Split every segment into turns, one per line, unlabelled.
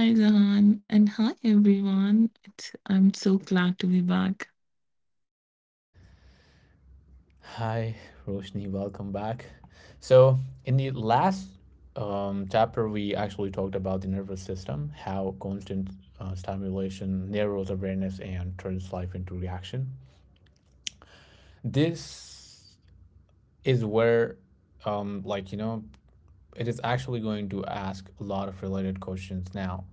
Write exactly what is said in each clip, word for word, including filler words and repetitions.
Hi, Zahan, and hi, everyone. It's, I'm so glad to be back.
Hi, Roshni. Welcome back. So, in the last um, chapter, we actually talked about the nervous system, how constant uh, stimulation narrows awareness and turns life into reaction. This is where, um, like, you know, it is actually going to ask a lot of related questions now.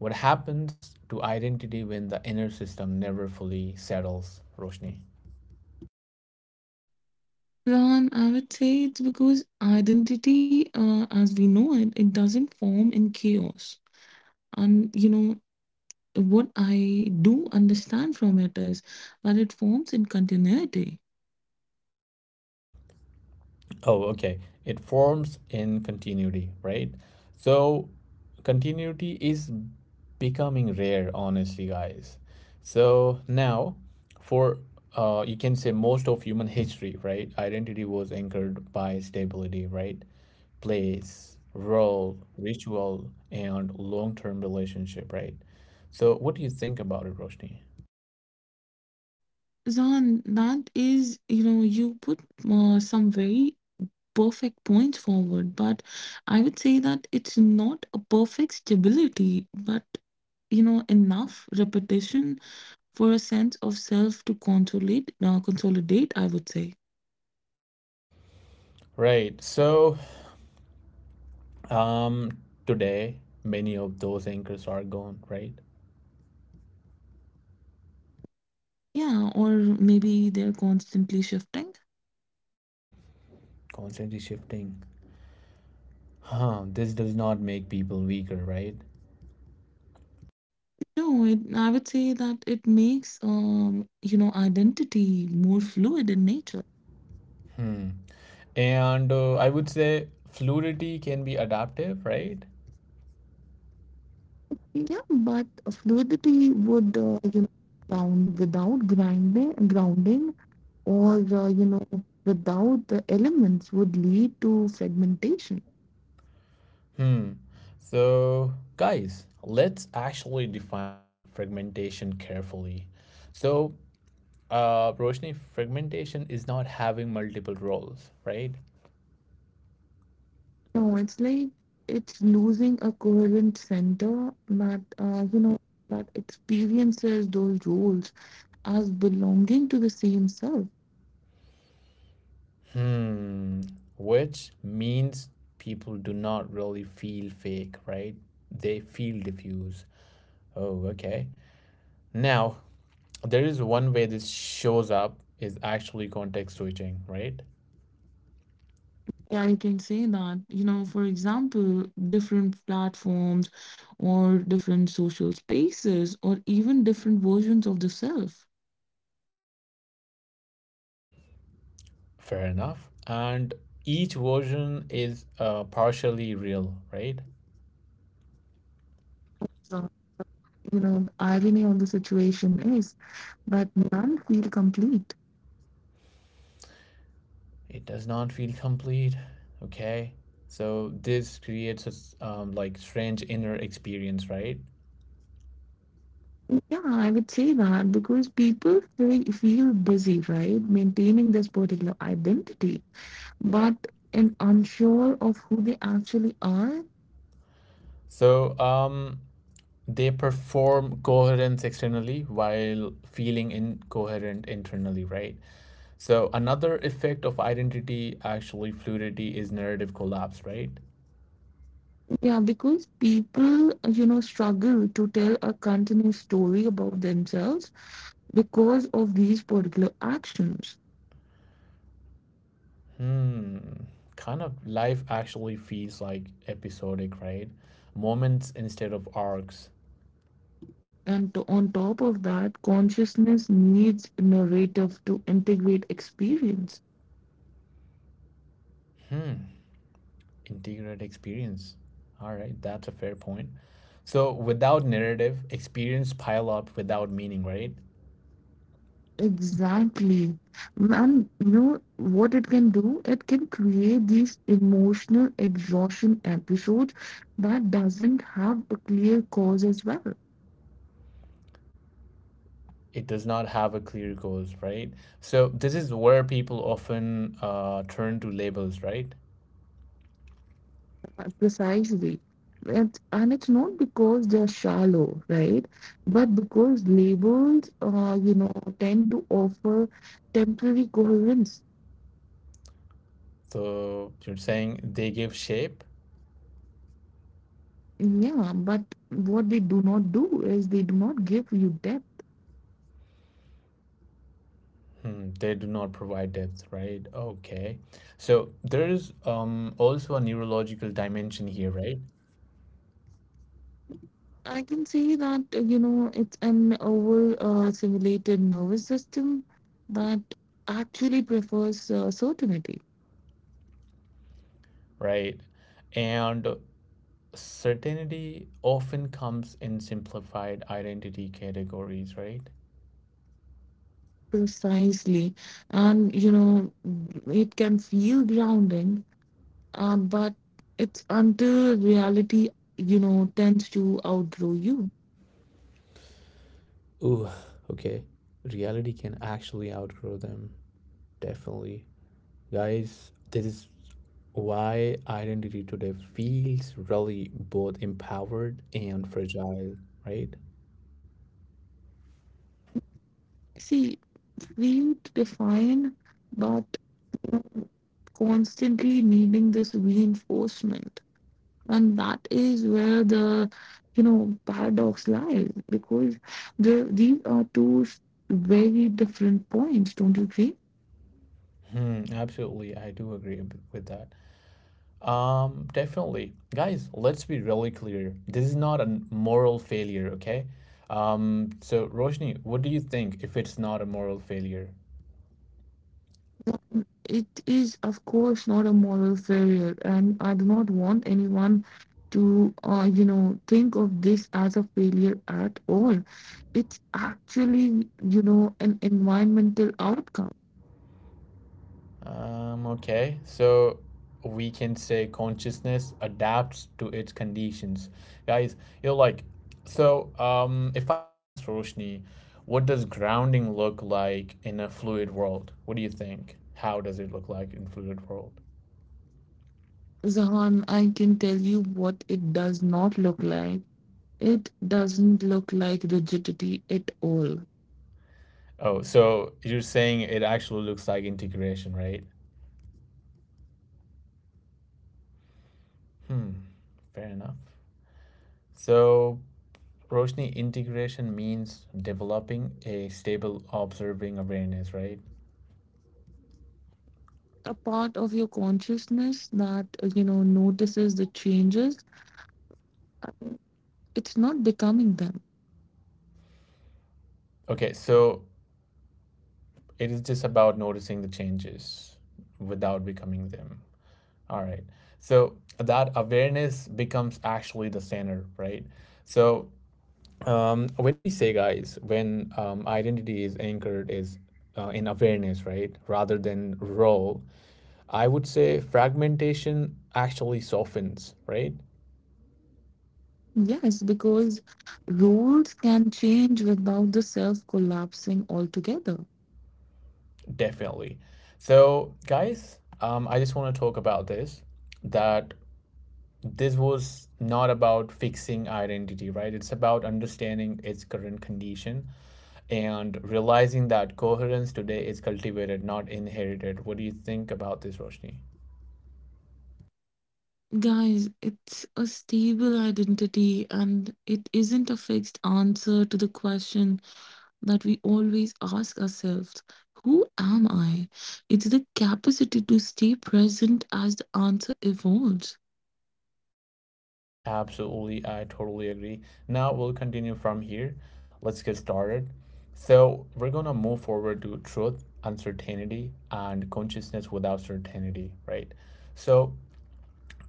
What happens to identity when the inner system never fully settles, Roshni?
Zahan, I would say it's because identity, uh, as we know it, it doesn't form in chaos. And, you know, what I do understand from it is that it forms in continuity.
Oh, okay. It forms in continuity, right? So, continuity is becoming rare, honestly, guys. So, now for uh, You can say most of human history, right? Identity was anchored by stability, right? Place, role, ritual, and long term relationship, right? So, what do you think about it, Roshni?
Zahan, that is, you know, you put uh, some very perfect points forward, but I would say that it's not a perfect stability, but you know enough repetition for a sense of self to consolidate, uh, consolidate, I would say.
Right. So, um, Today, many of those anchors are gone, right?
Yeah, or maybe they're constantly shifting.
Constantly shifting. Huh, this does not make people weaker, right?
No, it, I would say that it makes, um, you know, identity more fluid in nature.
And uh, I would say fluidity can be adaptive, right?
Yeah, but fluidity would, uh, you know, ground without grinding, grounding, or uh, you know, without the elements would lead to fragmentation.
Hmm. So, guys, let's actually define fragmentation carefully. So, uh, Roshni, fragmentation is not having multiple roles, right?
No, it's like it's losing a coherent center that, uh, you know, that experiences those roles as belonging to the same self.
Hmm. Which means people do not really feel fake, right? They feel diffuse. Oh, okay. Now, there is one way this shows up is actually context switching, right?
Yeah, you can say that, you know, for example, different platforms or different social spaces or even different versions of the self.
Fair enough. And each version is uh, partially real, right?
So, you know, the irony of the situation is that none feel complete.
It does not feel complete. Okay, so this creates a s- um, like strange inner experience, right?
Yeah, I would say that because people feel, feel busy, right, maintaining this particular identity, but and unsure of who they actually are.
So um they perform coherence externally while feeling incoherent internally, right? So another effect of identity actually fluidity is narrative collapse, right?
Yeah, because people, you know, struggle to tell a continuous story about themselves because of these particular actions.
Hmm, kind of life actually feels like episodic, right? Moments instead of arcs.
And to- on top of that, consciousness needs narrative to integrate experience.
Hmm, integrate experience. All right, that's a fair point. So without narrative, experience pile up without meaning, right?
Exactly. And you know what it can do? It can create these emotional exhaustion episodes that doesn't have a clear cause as well.
It does not have a clear cause, right? So this is where people often uh, turn to labels, right?
Uh, Precisely. It, and it's not because they're shallow, right? But because labels, uh, you know, tend to offer temporary coherence.
So you're saying they give shape,
Yeah, but what they do not do is they do not give you depth.
hmm, they do not provide depth, right? Okay. So there is um, also a neurological dimension here, right?
I can say that, uh, you know, it's an over uh, simulated nervous system that actually prefers uh, certainty.
Right. And certainty often comes in simplified identity categories, right?
Precisely. And, you know, mm, it can feel grounding, uh, but it's until reality, you know, tends to outgrow you.
Ooh, okay. Reality can actually outgrow them. Definitely. Guys, this is why identity today feels really both empowered and fragile, right?
See, feel defined, but you know, constantly needing this reinforcement. And that is where the, you know, paradox lies because the these are two s- very different points, don't you agree?
Hmm, absolutely, I do agree ab- with that. Um, definitely. Guys, let's be really clear. This is not a moral failure, okay? Um, so Roshni, what do you think if it's not a moral failure?
Um, it is of course not a moral failure, and I do not want anyone to, uh, you know, think of this as a failure at all. It's actually, you know, an environmental outcome.
Um, okay. So we can say consciousness adapts to its conditions. Guys, you know, like, so um, if I ask Roshni, what does grounding look like in a fluid world? What do you think? How does it look like in fluid world?
Zahan, I can tell you what it does not look like. It doesn't look like rigidity at all.
Oh, so you're saying it actually looks like integration, right? Hmm, fair enough. So, Roshni, integration means developing a stable observing awareness, right?
A part of your consciousness that, uh, you know, notices the changes. It's not becoming them.
Okay, so it is just about noticing the changes without becoming them. All right. So, that awareness becomes actually the center, right? So, um, when we say, guys, when um, identity is anchored is uh, in awareness, right, rather than role, I would say fragmentation actually softens, right?
Yes, because rules can change without the self collapsing altogether.
Definitely. So, guys, um, I just want to talk about this that this was not about fixing identity, right? It's about understanding its current condition and realizing that coherence today is cultivated, not inherited. What do you think about this, Roshni?
Guys, it's a stable identity and it isn't a fixed answer to the question that we always ask ourselves: who am I? It's the capacity to stay present as the answer evolves.
Absolutely, I totally agree. Now we'll continue from here. Let's get started. So, we're going to move forward to truth, uncertainty, and consciousness without certainty, right? So,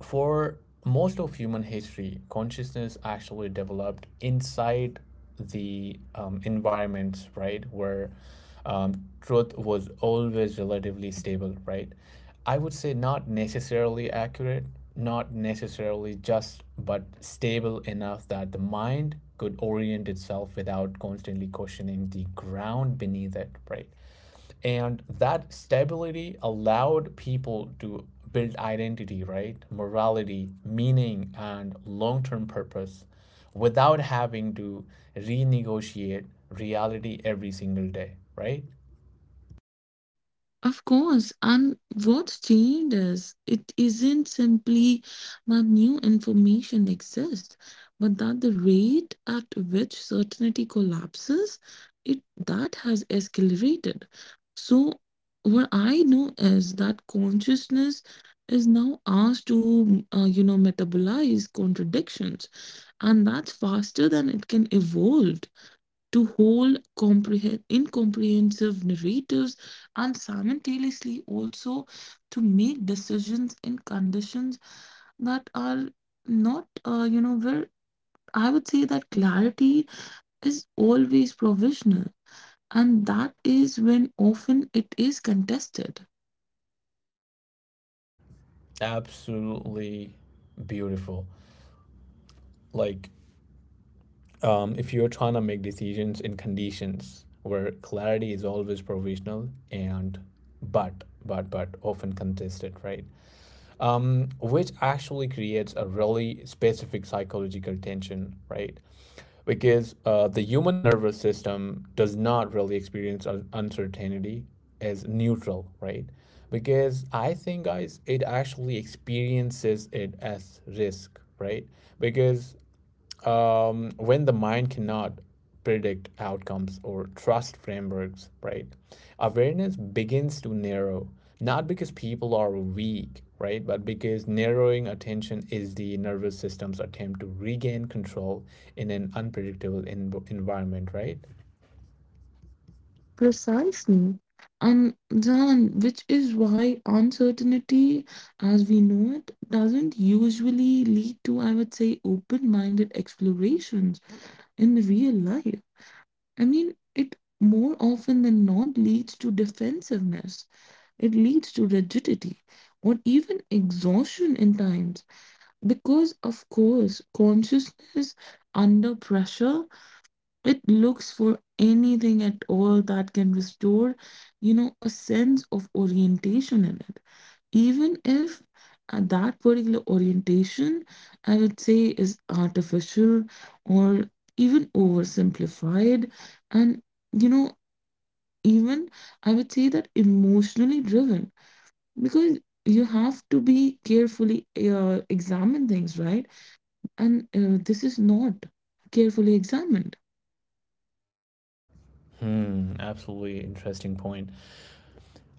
for most of human history, consciousness actually developed inside the um, environments, right, where um, truth was always relatively stable, right? I would say not necessarily accurate, not necessarily just, but stable enough that the mind could orient itself without constantly questioning the ground beneath it, right? And that stability allowed people to build identity, right? Morality, meaning, and long term purpose without having to renegotiate reality every single day, right?
Of course, and what's changed is it isn't simply that new information exists, but that the rate at which certainty collapses, it that has escalated. So what I know is that consciousness is now asked to, uh, you know, metabolize contradictions, and that's faster than it can evolve to whole comprehend incomprehensive narratives, and simultaneously also to make decisions in conditions that are not, uh, you know, where I would say that clarity is always provisional, and that is when often it is contested.
Absolutely beautiful. Like, um, if you're trying to make decisions in conditions where clarity is always provisional and but, but, but often contested, right? Um, which actually creates a really specific psychological tension, right? Because uh, the human nervous system does not really experience uncertainty as neutral, right? Because I think, guys, it actually experiences it as risk, right? Because um, when the mind cannot predict outcomes or trust frameworks, right? Awareness begins to narrow, not because people are weak, right? But because narrowing attention is the nervous system's attempt to regain control in an unpredictable en- environment, right?
Precisely. And John, which is why uncertainty, as we know it, doesn't usually lead to, I would say, open minded explorations in real life. I mean, it more often than not leads to defensiveness, it leads to rigidity, or even exhaustion in times. Because, of course, consciousness under pressure, it looks for anything at all that can restore, you know, a sense of orientation in it. Even if uh, that particular orientation, I would say, is artificial or even oversimplified, and, you know, even I would say that emotionally driven, because you have to be carefully uh, examine things, right? And uh, this is not carefully examined.
Hmm, absolutely interesting point.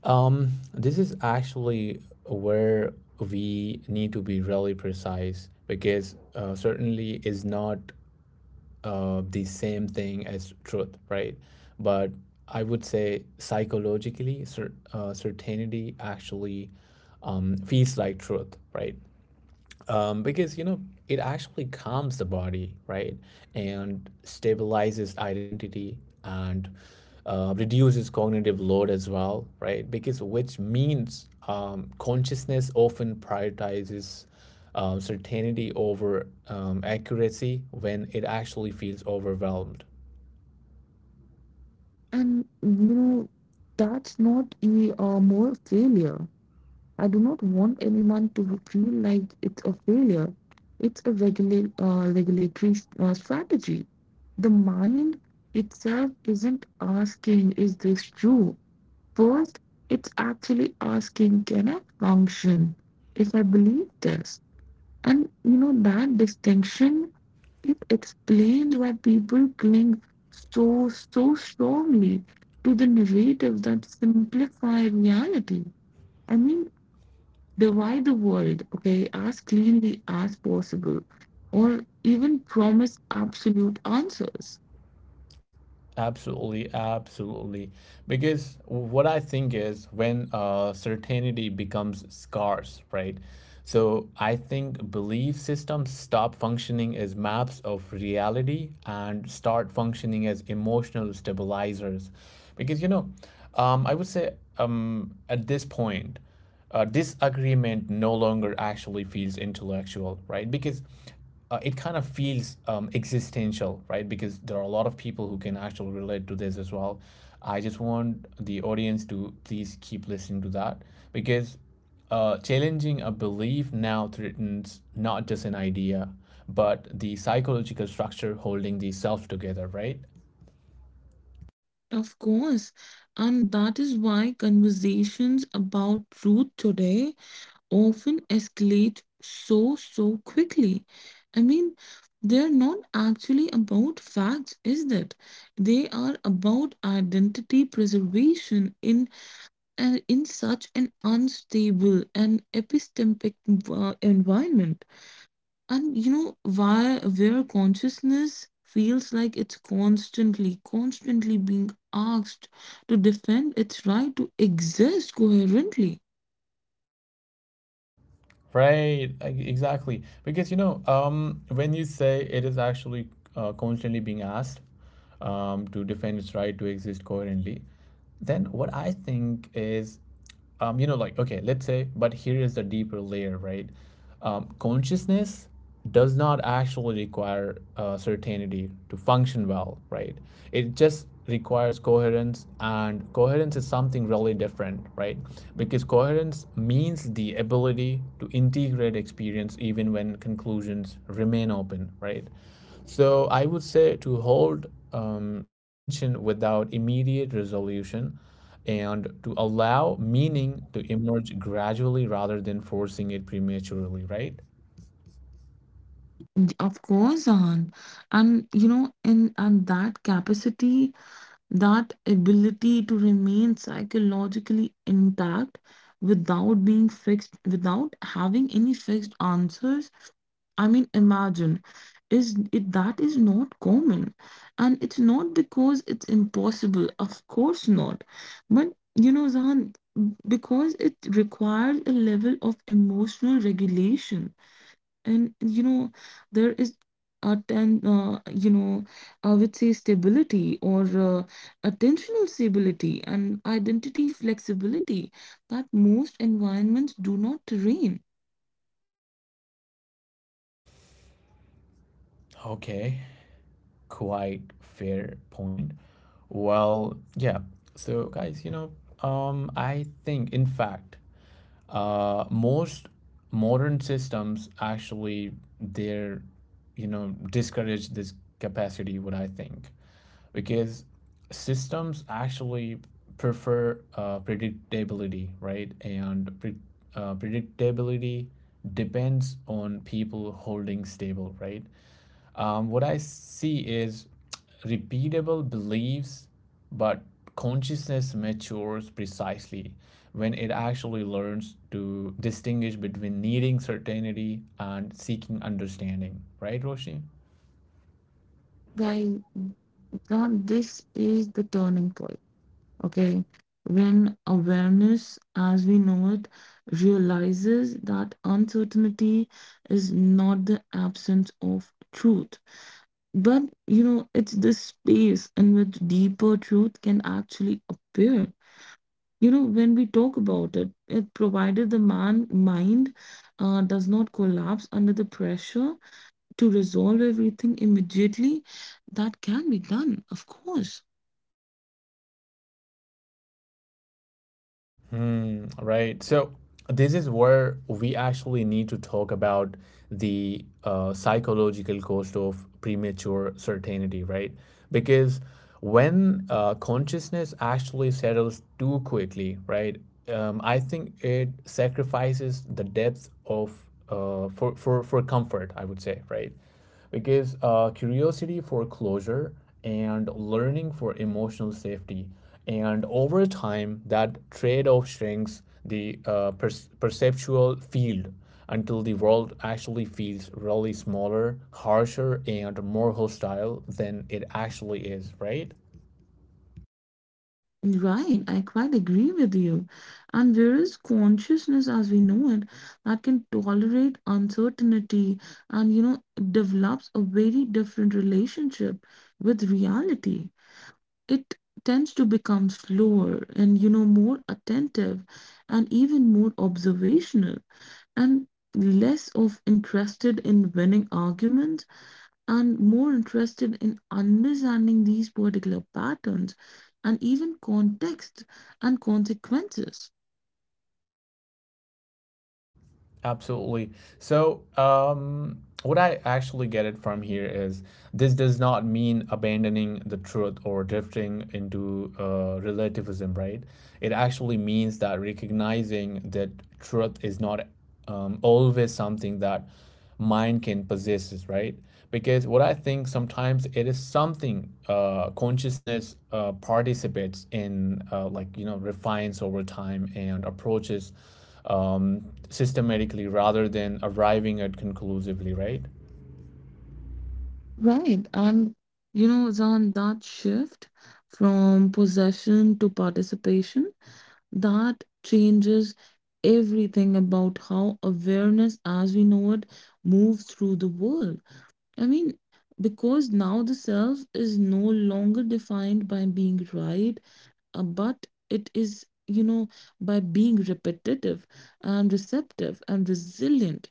Um, this is actually where we need to be really precise because uh, certainly is not uh, the same thing as truth, right? But I would say psychologically, cer- uh, certainty actually um, feels like truth, right? Um, because you know it actually calms the body, right, and stabilizes identity and uh, reduces cognitive load as well, right? Because which means um, consciousness often prioritizes um, certainty over um, accuracy when it actually feels overwhelmed.
And you know, that's not a uh, more failure. I do not want anyone to feel like it's a failure. It's a regular uh, regulatory uh, strategy. The mind itself isn't asking, is this true, first. It's actually asking, can I function if I believe this? And you know, that distinction, it explains why people cling so so strongly to the narratives that simplify reality. I mean, divide the world, okay, as cleanly as possible, or even promise absolute answers.
Absolutely, absolutely. Because what I think is when uh, certainty becomes scarce, right? So I think belief systems stop functioning as maps of reality and start functioning as emotional stabilizers. Because, you know, um, I would say um, at this point, uh, disagreement no longer actually feels intellectual, right? Because uh, it kind of feels um, existential, right? Because there are a lot of people who can actually relate to this as well. I just want the audience to please keep listening to that because uh, challenging a belief now threatens not just an idea, but the psychological structure holding the self together, right?
Of course, and that is why conversations about truth today often escalate so, so quickly. I mean, they're not actually about facts, is that? They are about identity preservation in uh, in such an unstable and epistemic envi- environment. And you know why, where consciousness feels like it's constantly, constantly being asked to defend its right to exist coherently.
Right, e- exactly. Because you know, um, when you say it is actually uh, constantly being asked um, to defend its right to exist coherently, then what I think is, um, you know, like, okay, let's say, but here is the deeper layer, right? Um, consciousness does not actually require uh, certainty to function well, right? It just requires coherence, and coherence is something really different, right? Because coherence means the ability to integrate experience even when conclusions remain open, right? So I would say to hold um, tension without immediate resolution and to allow meaning to emerge gradually rather than forcing it prematurely, right?
Y- Of course, on and you know, in and that capacity, that ability to remain psychologically intact without being fixed, without having any fixed answers. I mean, imagine, is it that is not common, and it's not because it's impossible, of course not, but you know, Zahan, because it requires a level of emotional regulation. And you know, there is a ten uh, you know, I would say stability or uh, attentional stability and identity flexibility that most environments do not train.
Okay, quite fair point. Well, yeah. So, guys, you know, um, I think, in fact, uh, most modern systems actually they're, you know, discourage this capacity. What I think, because systems actually prefer uh, predictability, right? And pre- uh, predictability depends on people holding stable, right? Um, what I see is repeatable beliefs, but consciousness matures precisely when it actually learns to distinguish between needing certainty and seeking understanding. Right, Roshi?
Guys, God, this is the turning point. Okay. When awareness, as we know it, realizes that uncertainty is not the absence of truth. But you know, it's this space in which deeper truth can actually appear. You know, when we talk about it, it provided the man mind uh, does not collapse under the pressure to resolve everything immediately, that can be done, of course.
Mm, right. So this is where we actually need to talk about the uh, psychological cost of premature certainty, right? Because when uh, consciousness actually settles too quickly, right? Um, I think it sacrifices the depth of uh, for, for for comfort. I would say, right? Because uh, curiosity for closure and learning for emotional safety. And over time, that trade off shrinks the uh, per- perceptual field until the world actually feels really smaller, harsher, and more hostile than it actually is, right?
Right, I quite agree with you. And there is consciousness, as we know it, that can tolerate uncertainty and, you know, develops a very different relationship with reality. It tends to become slower and, you know, more attentive and even more observational, and less of interested in winning arguments, and more interested in understanding these particular patterns and even context and consequences.
Absolutely. So, um, what I actually get it from here is this does not mean abandoning the truth or drifting into uh, relativism, right? It actually means that recognizing that truth is not um, always something that mind can possess, right? Because what I think sometimes it is something uh, consciousness uh, participates in, uh, like, you know, refines over time and approaches um, systematically rather than arriving at conclusively, right?
Right, and you know, Zan, that shift from possession to participation, that changes everything about how awareness, as we know it, moves through the world. I mean, because now the self is no longer defined by being right, uh, but it is, you know, by being repetitive and receptive and resilient.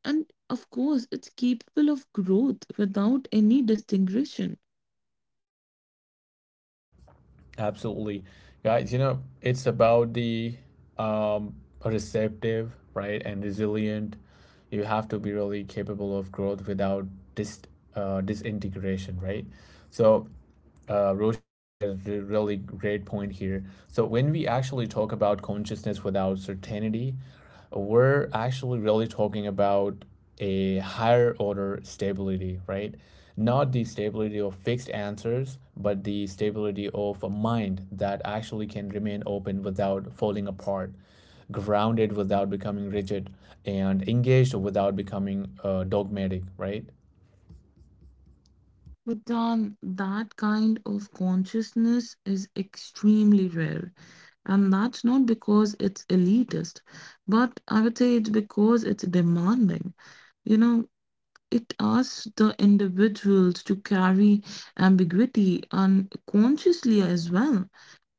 And of course, it's capable of growth without any distinction.
Absolutely. Guys, you know, it's about the um, receptive, right, and resilient. You have to be really capable of growth without dis uh, disintegration, right? So, uh, Roshni highlighted a really great point here. So, when we actually talk about consciousness without certainty, we're actually really talking about a higher order stability, right? Not the stability of fixed answers, but the stability of a mind that actually can remain open without falling apart, grounded without becoming rigid, and engaged without becoming uh, dogmatic, right?
But Don, that kind of consciousness is extremely rare. And that's not because it's elitist, but I would say it's because it's demanding. You know, it asks the individuals to carry ambiguity unconsciously as well,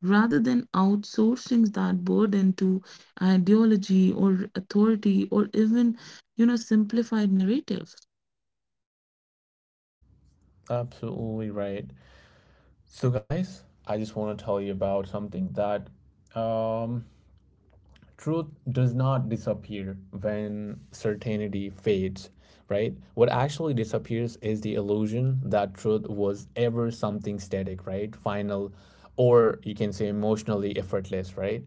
rather than outsourcing that burden to ideology or authority or even, you know, simplified narratives.
Absolutely right. So, guys, I just want to tell you about something that um, truth does not disappear when certainty fades, right? What actually disappears is the illusion that truth was ever something static, right? Final, or you can say emotionally effortless, right?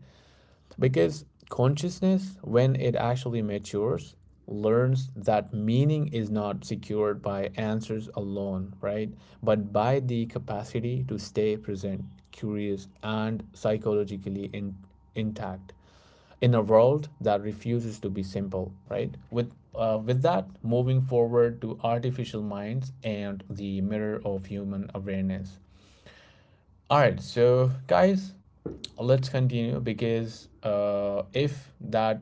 Because consciousness, when it actually matures, learns that meaning is not secured by answers alone, right? But by the capacity to stay present, curious, and psychologically in- intact in a world that refuses to be simple, right? With uh, with that, moving forward to artificial minds and the mirror of human awareness. All right, so guys, let's continue because uh, if that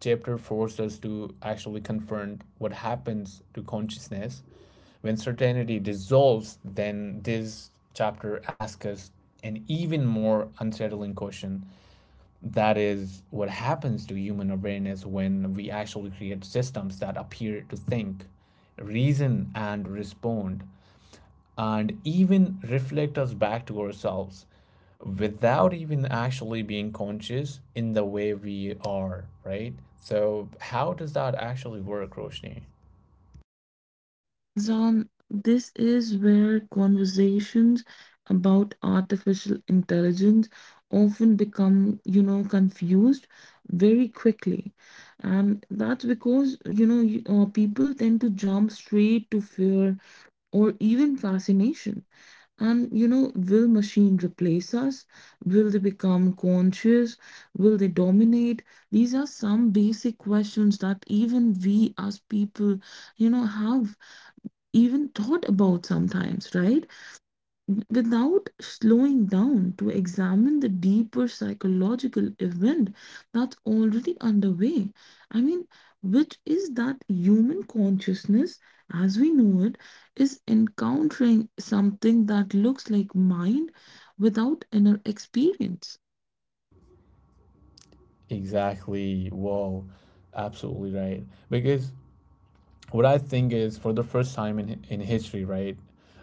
chapter forced us to actually confront what happens to consciousness when certainty dissolves, then this chapter asks us an even more unsettling question that is, what happens to human awareness when we actually create systems that appear to think, reason, and respond and even reflect us back to ourselves without even actually being conscious in the way we are, right? So, how does that actually work, Roshni?
John, this is where conversations about artificial intelligence often become, you know, confused very quickly. And that's because, you know, you- uh, people tend to jump straight to fear or even fascination. And, you know, will machine replace us? Will they become conscious? Will they dominate? These are some basic questions that even we as people, you know, have even thought about sometimes, right? Without slowing down to examine the deeper psychological event that's already underway. I mean, which is that human consciousness, as we know it, is encountering something that looks like mind without inner experience.
Exactly. Whoa. Absolutely right. Because what I think is for the first time in, in history, right?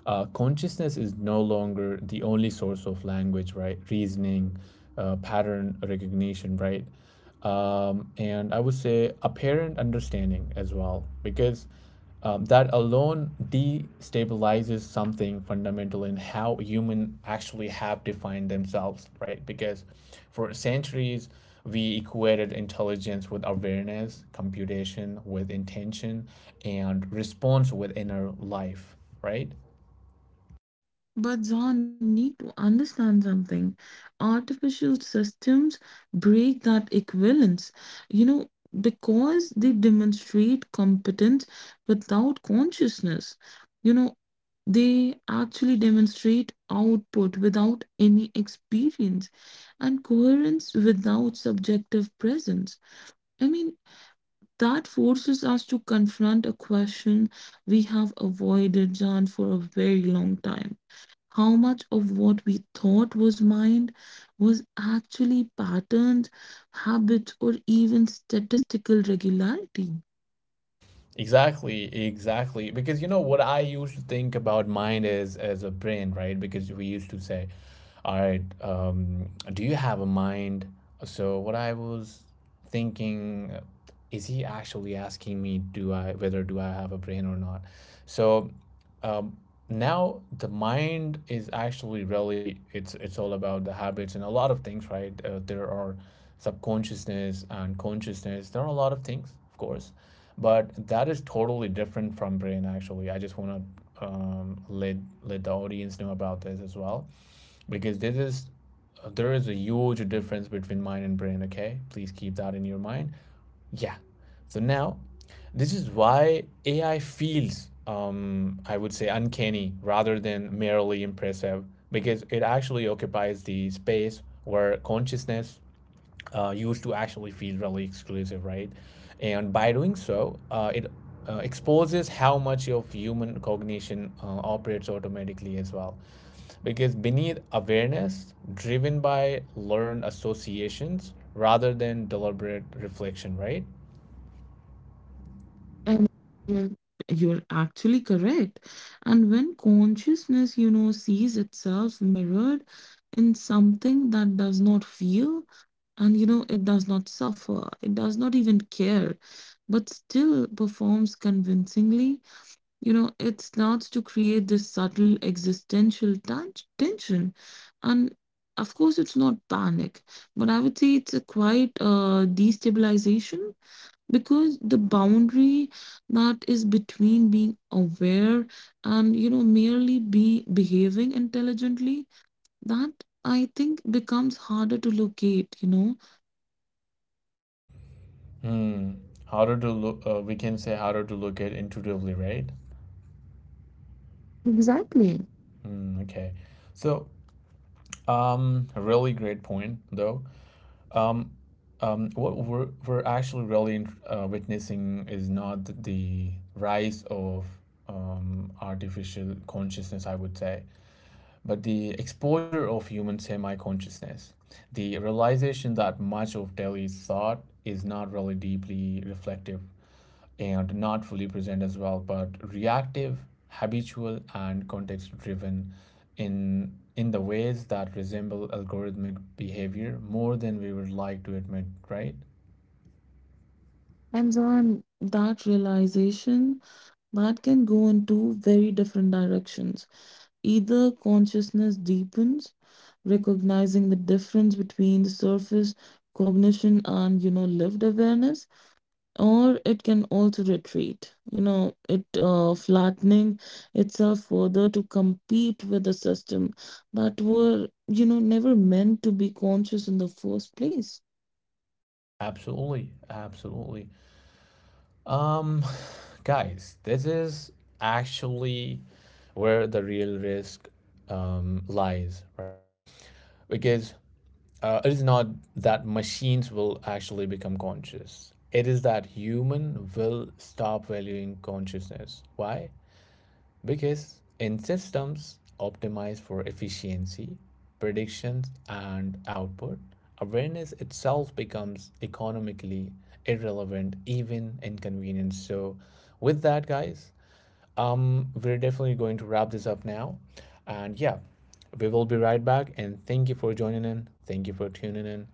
Uh, consciousness is no longer the only source of language, right? Reasoning, uh, pattern recognition, right? Um, and I would say apparent understanding as well, because um, that alone destabilizes something fundamental in how humans actually have defined themselves, right? Because for centuries, we equated intelligence with awareness, computation with intention, and response with inner life, right?
But John, you need to understand something. Artificial systems break that equivalence, you know, because they demonstrate competence without consciousness. You know, they actually demonstrate output without any experience, and coherence without subjective presence. I mean, that forces us to confront a question we have avoided, John, for a very long time: how much of what we thought was mind was actually patterns, habits, or even statistical regularity.
Exactly, exactly. Because you know what I used to think about mind is as a brain, right? Because we used to say, "All right, um, do you have a mind?" So what I was thinking, uh, is he actually asking me, "Do I whether do I have a brain or not?" So now the mind is actually really it's it's all about the habits and a lot of things, right? Uh, there are subconsciousness and consciousness, there are a lot of things, of course, but that is totally different from brain. Actually, I just want to um, let let the audience know about this as well, because this is there is a huge difference between mind and brain. Okay, please keep that in your mind. Yeah. So now, this is why A I feels, um, I would say, uncanny rather than merely impressive, because it actually occupies the space where consciousness uh, used to actually feel really exclusive, right? And by doing so, uh, it uh, exposes how much of human cognition uh, operates automatically as well. Because beneath awareness, driven by learned associations rather than deliberate reflection, right?
And you're you're actually correct. And when consciousness, you know, sees itself mirrored in something that does not feel, and you know, it does not suffer, it does not even care, but still performs convincingly. You know, it starts to create this subtle existential tan- tension. And of course, it's not panic, but I would say it's a quite uh, destabilization, because the boundary that is between being aware and, you know, merely be behaving intelligently, that I think becomes harder to locate, you know.
Harder to look, uh, we can say harder to look at intuitively, right?
Exactly.
Mm, okay. So, um, a really great point, though. Mm, what we're, we're actually really uh, witnessing is not the rise of um, artificial consciousness, I would say, but the exposure of human semi consciousness. The realization that much of daily thought is not really deeply reflective and not fully present as well, but reactive, habitual, and context driven in in the ways that resemble algorithmic behavior more than we would like to admit, right?
And on that realization, that can go in two very different directions. Either consciousness deepens, recognizing the difference between the surface cognition and, you know, lived awareness, or it can also retreat. You know, it, uh, flattening itself further to compete with a system that were, you know, never meant to be conscious in the first place.
Absolutely, absolutely. Um, guys, this is actually where the real risk um, lies, right? Because uh, it is not that machines will actually become conscious. It is that human will stop valuing consciousness. Why? Because in systems optimized for efficiency, predictions, and output, awareness itself becomes economically irrelevant, even inconvenient. So, with that, guys, um, we're definitely going to wrap this up now. And yeah, we will be right back. And thank you for joining in. Thank you for tuning in.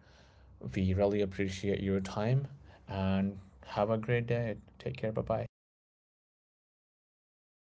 We really appreciate your time. And have a great day. Take care. Bye bye.